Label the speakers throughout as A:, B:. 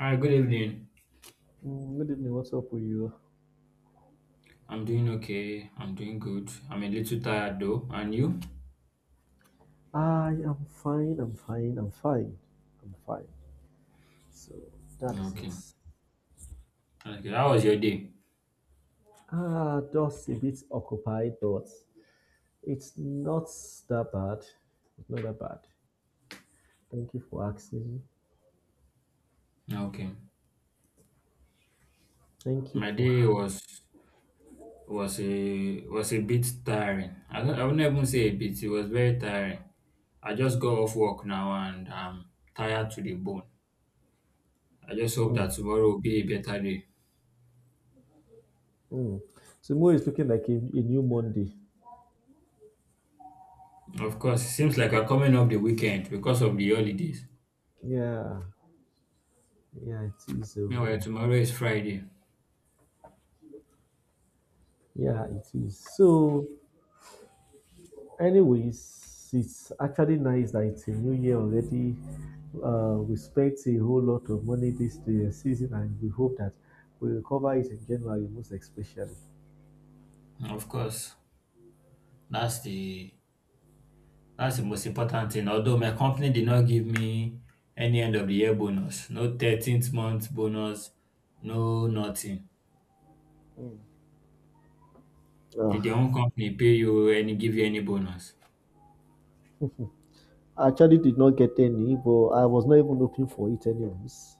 A: Hi, good evening.
B: Good evening. What's up with you?
A: I'm doing okay. I'm doing good. I'm a little tired though. And you?
B: I am fine. I'm fine. So that is
A: Okay.
B: it.
A: Okay. How was your day?
B: Just a bit occupied, but it's not that bad. It's not that bad. Thank you for asking.
A: Okay.
B: Thank
A: My
B: you for
A: day was
B: asking.
A: was a was a bit tiring. I wouldn't even say a bit. It was very tiring. I just got off work now and I'm tired to the bone. I just hope
B: Mm,
A: that tomorrow will be a better day.
B: mm. Tomorrow is looking like a new Monday.
A: Of course, it seems like I'm coming off the weekend because of the holidays.
B: Yeah, yeah, it is.
A: Meanwhile, tomorrow is Friday.
B: Yeah, it is. So anyways, it's actually nice that it's a new year already. We spent a whole lot of money this season, and we hope that we recover it in January, most especially.
A: Of course, that's the That's the most important thing. Although my company did not give me any end of the year bonus, no 13th month bonus, no nothing. Did your
B: Uh,
A: own company pay you any give you any bonus?
B: I actually did not get any, but I was not even looking for it, anyways.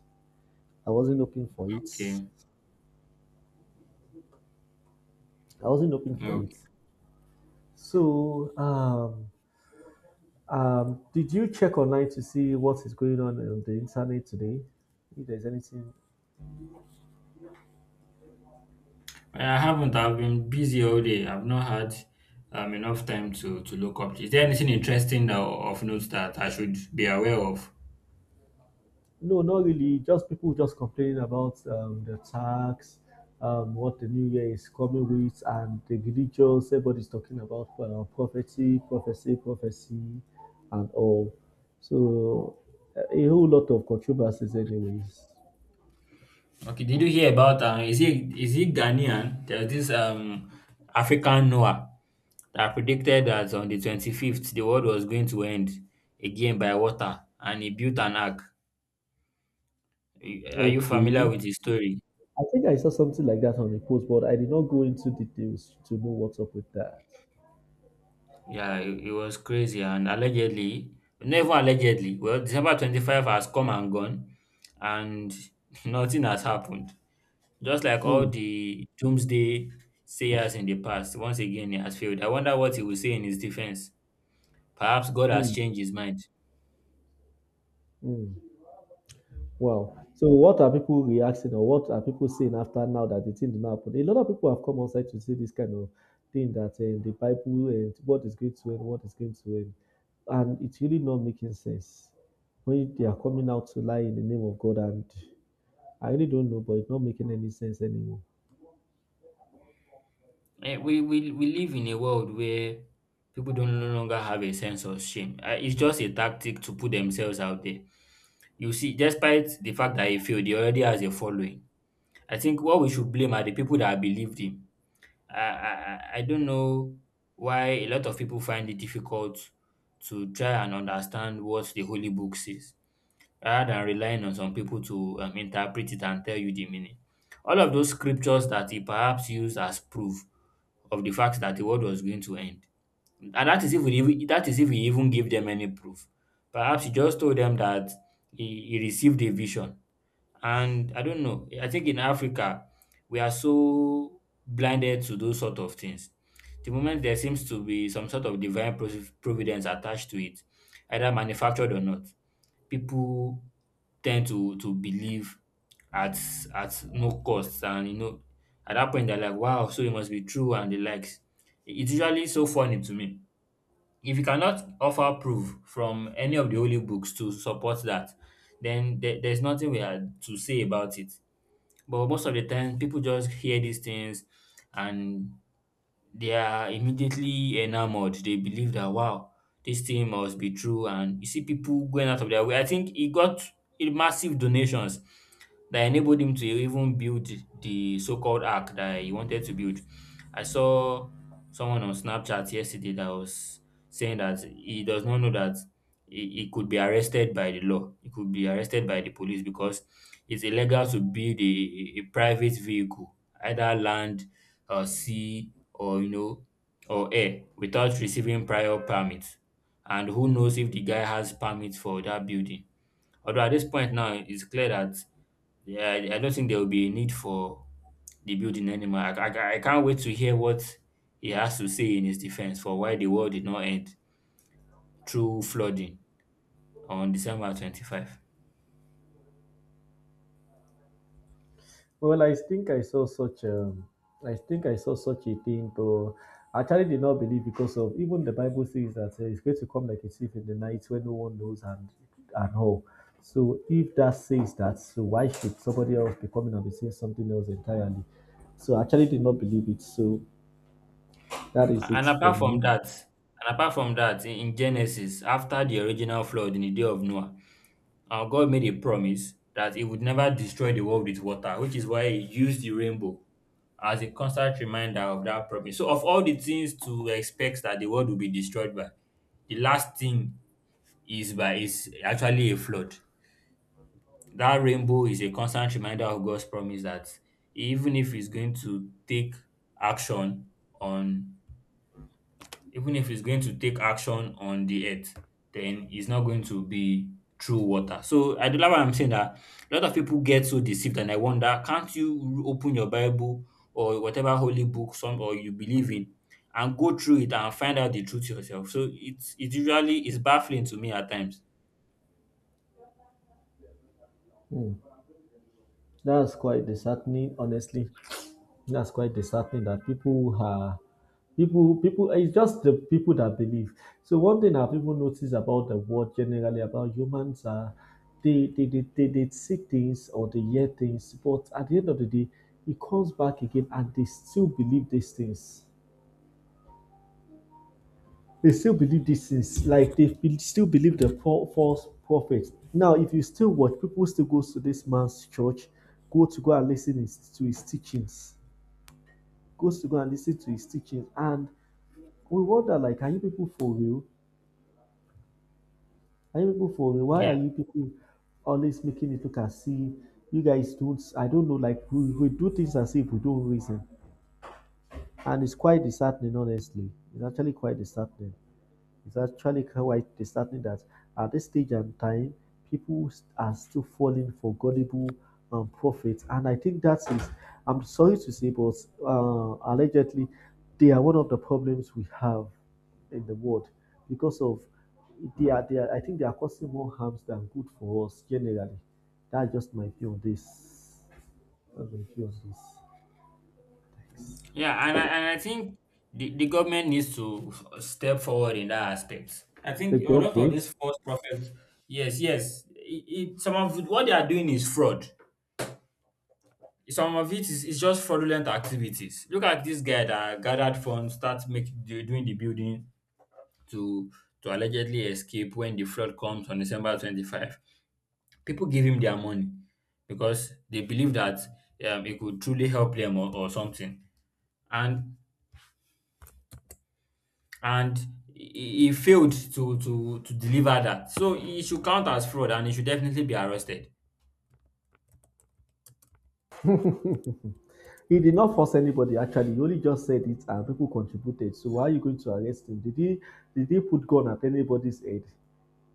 B: I wasn't looking for it.
A: Okay.
B: I wasn't looking for
A: No.
B: it. So, did you check online to see what is going on the internet today? If there's anything.
A: I haven't. I've been busy all day. I've not had enough time to look up. Is there anything interesting that, of notes that I should be aware of?
B: No, not really. Just people just complaining about the tax, what the new year is coming with, and the religious. Everybody's talking about prophecy, prophecy, prophecy, and all. So a whole lot of controversies, anyways.
A: Okay, did you hear about is he Ghanaian? There's this African Noah that predicted that on the 25th the world was going to end again by water and he built an ark. Are you familiar
B: Okay,
A: with his story?
B: I think I saw something like that on the post, but I did not go into details to know what's up with that.
A: Yeah, it was crazy and allegedly, never allegedly, well, December 25 has come and gone and nothing has happened. Just like all
B: Mm,
A: the doomsday sayers in the past, once again he has failed. I wonder what he will say in his defense. Perhaps God has
B: mm,
A: changed his mind.
B: mm. Wow. So what are people reacting or what are people saying after now that the thing did not happen? A lot of people have come outside to say this kind of thing, that the Bible and what is going to end, what is going to end. And it's really not making sense when they are coming out to lie in the name of God. And I really don't know, but it's not making any sense anymore.
A: We live in a world where people don't no longer have a sense of shame. It's just a tactic to put themselves out there. You see, despite the fact that he failed, he already has a following. I think what we should blame are the people that believed him. I don't know why a lot of people find it difficult to try and understand what the Holy Book says, rather than relying on some people to interpret it and tell you the meaning. All of those scriptures that he perhaps used as proof of the fact that the world was going to end. And that is if he even gave them any proof. Perhaps he just told them that he received a vision. And I don't know. I think in Africa we are so blinded to those sort of things. The moment there seems to be some sort of divine providence attached to it, either manufactured or not, people tend to believe at at no cost and at that point they're like, wow, so it must be true and the likes. It's usually so funny to me. If you cannot offer proof from any of the holy books to support that, then there's nothing we had to say about it. But most of the time people just hear these things and they are immediately enamored. They believe that, wow, this thing must be true. And you see people going out of their way. I think he got a massive donations that enabled him to even build the so-called ark that he wanted to build. I saw someone on Snapchat yesterday that was saying that he does not know that he could be arrested by the law. He could be arrested by the police because it's illegal to build a private vehicle, either land or sea or or air without receiving prior permit. And who knows if the guy has permit for that building. Although at this point now, it's clear that, yeah, I don't think there will be a need for the building anymore. I can't wait to hear what he has to say in his defense for why the world did not end through flooding on December 25.
B: Well, I think I saw such I think I saw such a thing, but I actually did not believe because of even the Bible says that it's going to come like a thief in the night when no one knows, and all. So if that says that, so why should somebody else be coming and be saying something else entirely? So I actually did not believe it. So that is it
A: And
B: for
A: apart from
B: me.
A: that, and apart from that, in Genesis, after the original flood in the day of Noah, our God made a promise that he would never destroy the world with water, which is why he used the rainbow as a constant reminder of that promise. So, of all the things to expect that the world will be destroyed by, the last thing is actually a flood. That rainbow is a constant reminder of God's promise that even if he's going to take action on Even if he's going to take action on the earth, then he's not going to be through water. So I do like what I'm saying, that a lot of people get so deceived, and I wonder, can't you open your Bible or whatever holy book some or you believe in and go through it and find out the truth yourself? So it usually is baffling to me at times.
B: Hmm. That's quite disheartening, honestly. That's quite disheartening that people are, people it's just the people that believe. So one thing that people notice about the world generally, about humans, are they see things or they hear things, but at the end of the day, it comes back again and they still believe these things. They still believe these things, like still believe the false prophets. Now, if you still watch, people still goes to this man's church, go to go and listen his, to his teachings, goes to go and listen to his teachings, and we wonder like, are you people for real? Are you people for real? Why are
A: Yeah.
B: you people always making it look as if you guys don't, I don't know, like we do things as if we don't reason. And it's quite disheartening, honestly. It's actually quite disheartening. It's actually quite disheartening that at this stage and time, people are still falling for gullible prophets. And I think that is, I'm sorry to say, but allegedly, they are one of the problems we have in the world because of they are, I think they are causing more harms than good for us generally. That's just my view on this. That's my view on this.
A: Yeah, and I think the government needs to step forward in that aspect. I
B: The
A: think a lot of
B: government.
A: these false prophets, yes, yes, some of what they are doing is fraud. Some of it is just fraudulent activities. Look at this guy that gathered funds, start making doing the building to to allegedly escape when the flood comes on December 25. People give him their money because they believe that, it could truly help them, or something. And and he failed to deliver that. So he should count as fraud and he should definitely be arrested.
B: He did not force anybody, actually, he only just said it and people contributed. So why are you going to arrest him? Did he put gun at anybody's head?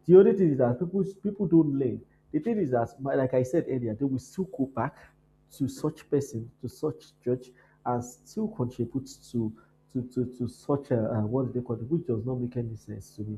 B: The only thing is that people don't learn. The thing is that, like I said earlier, they will still go back to such person, to such church, and still contribute to to such a what they call it, which does not make any sense to me.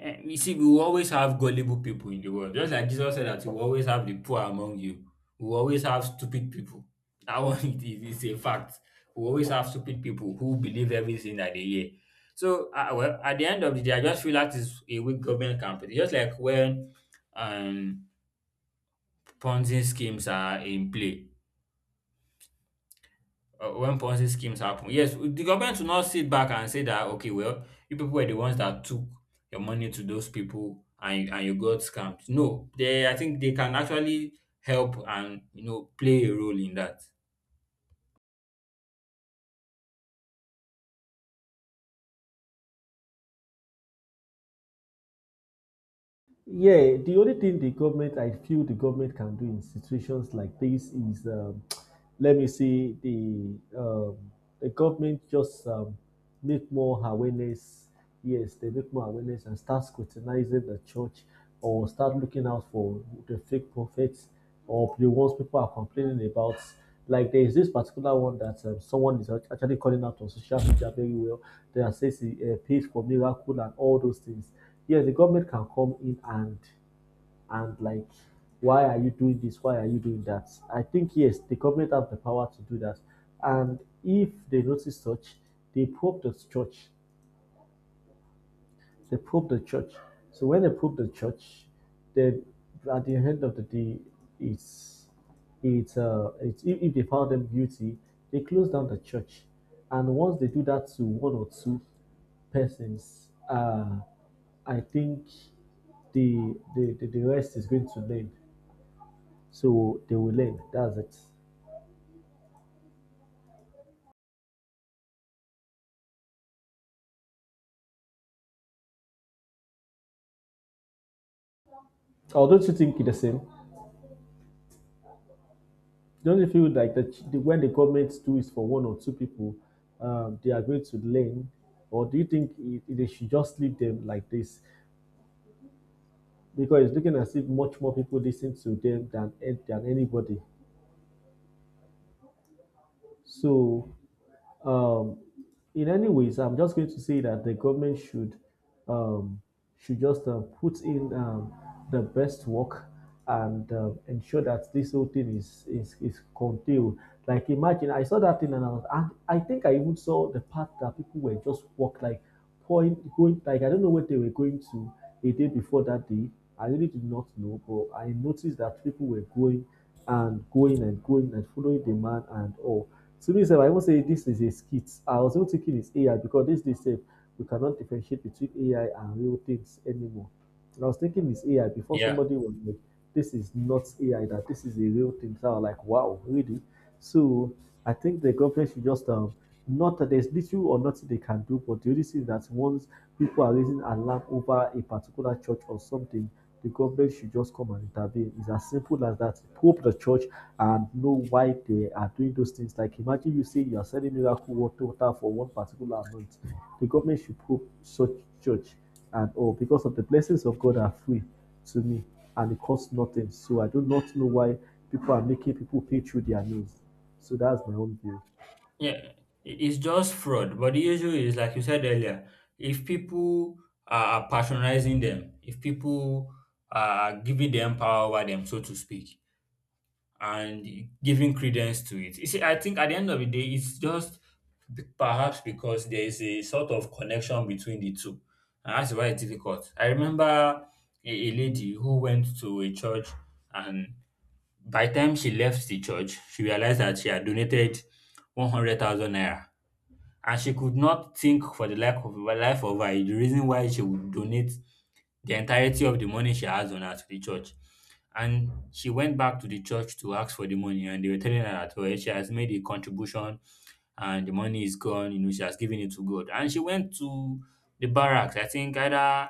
A: You see, we will always have gullible people in the world. Just like Jesus said that you will always have the poor among you. We will always have stupid people. That one it is a fact. We will always have stupid people who believe everything that they hear. So well, at the end of the day, I just feel that is a weak government campaign. Just like when um Ponzi schemes are in play, when Ponzi schemes happen. Yes, the government will not sit back and say that, okay, well, you people were the ones that took your money to those people, and you got scammed. No, I think they can actually help and play a role in that.
B: Yeah, the only thing the government, I feel the government can do in situations like this is, let me see, the government just make more awareness. Yes, they make more awareness and start scrutinizing the church or start looking out for the fake prophets or the ones people are complaining about. Like there is this particular one that someone is actually calling out on social media very well. They are saying he paid for miracle and all those things. Yes, the government can come in and like, why are you doing this? Why are you doing that? I think, yes, the government have the power to do that, and if they notice such, they probe the church they probe the church. So when they probe the church, they, at the end of the day, it's it's if they found them guilty, they close down the church. And once they do that to one or two persons, I think the rest is going to learn. So they will learn. That's it. Or don't you think it's the same? Don't you feel like the, ch- the when the government do it for one or two people, they are going to learn, or do you think it, they should just leave them like this? Because it's looking as if much more people listen to them than anybody. So Um, in any ways, I'm just going to say that the government um, should just put in the best work and ensure that this whole thing is contained. Like imagine, I saw that thing and I, was, and I think I even saw the part that people were just walk like point going like I don't know what they were going to, a day before that day. I really did not know, but I noticed that people were going and going and going and following the man and all. To me sef, I even say this is a skit. I was even thinking it's AI because this day sef, we cannot differentiate between AI and real things anymore. And I was thinking it's AI before
A: Yeah.
B: somebody was like, this is not AI, that this is a real thing. So I was like, wow, really? So I think the government should just not that there's little or nothing they can do, but the only thing that once people are raising alarm over a particular church or something, the government should just come and intervene. It's as simple as that. Probe the church and know why they are doing those things. Like imagine you say you are selling miracle water for one particular amount. The government should probe such church and all oh, because of the blessings of God are free to me, and it costs nothing. So I do not know why people are making people pay through their nose. So that's my own view.
A: Yeah. It's just fraud. But the issue is, like you said earlier, if people are patronizing them, if people are giving them power over them, so to speak, and giving credence to it. You see, I think at the end of the day, it's just perhaps because there is a sort of connection between the two. And that's why it's difficult. I remember a lady who went to a church, and by the time she left the church, she realized that she had donated 100,000 naira. And she could not think for the life of her, the reason why she would donate the entirety of the money she has on her to the church. And she went back to the church to ask for the money, and they were telling her that, well, she has made a contribution and the money is gone. You know, she has given it to God. And she went to the barracks. I think either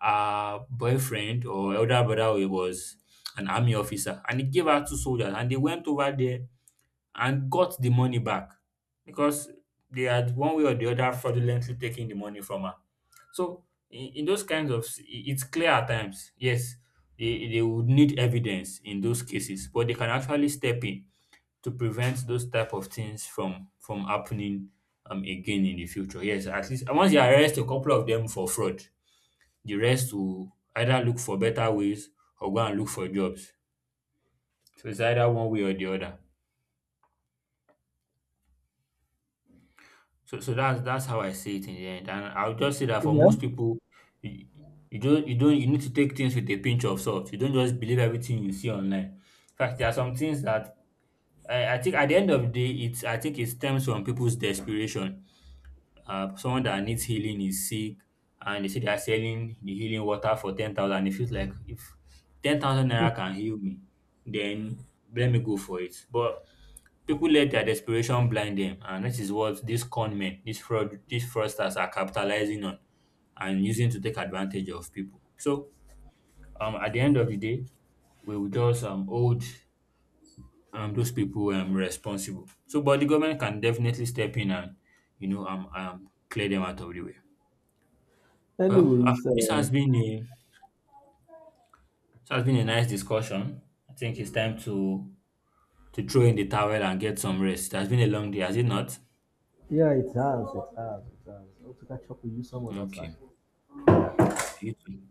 A: her boyfriend or elder brother was an army officer, and he gave her two soldiers, and they went over there and got the money back because they had one way or the other fraudulently taken the money from her. So in those kinds of it's clear at times, yes, they would need evidence in those cases, but they can actually step in to prevent those type of things from happening, again in the future. Yes, at least once you arrest a couple of them for fraud, the rest will either look for better ways or go and look for jobs. So it's either one way or the other. So, that's how I see it in the end, and I'll just say that for
B: Yeah.
A: most people, you, you don't you don't you need to take things with a pinch of salt. You don't just believe everything you see online. In fact, there are some things that I think at the end of the day, it's I think it stems from people's desperation. Someone that needs healing is sick, and they say they are selling the healing water for 10,000. It feels like if 10,000 naira can heal me, then let me go for it. But people let their desperation blind them, and this is what these con men, these fraudsters are capitalizing on and using to take advantage of people. So, at the end of the day, we will just hold those people responsible. So, but the government can definitely step in and clear them out of the way. Well,
B: Anyways,
A: this has been a nice discussion. I think it's time to throw in the towel and get some rest. It has been a long day, has it not?
B: yeah, it has, it has, it has. Hope to catch up with you some other
A: Okay,
B: time.
A: you too.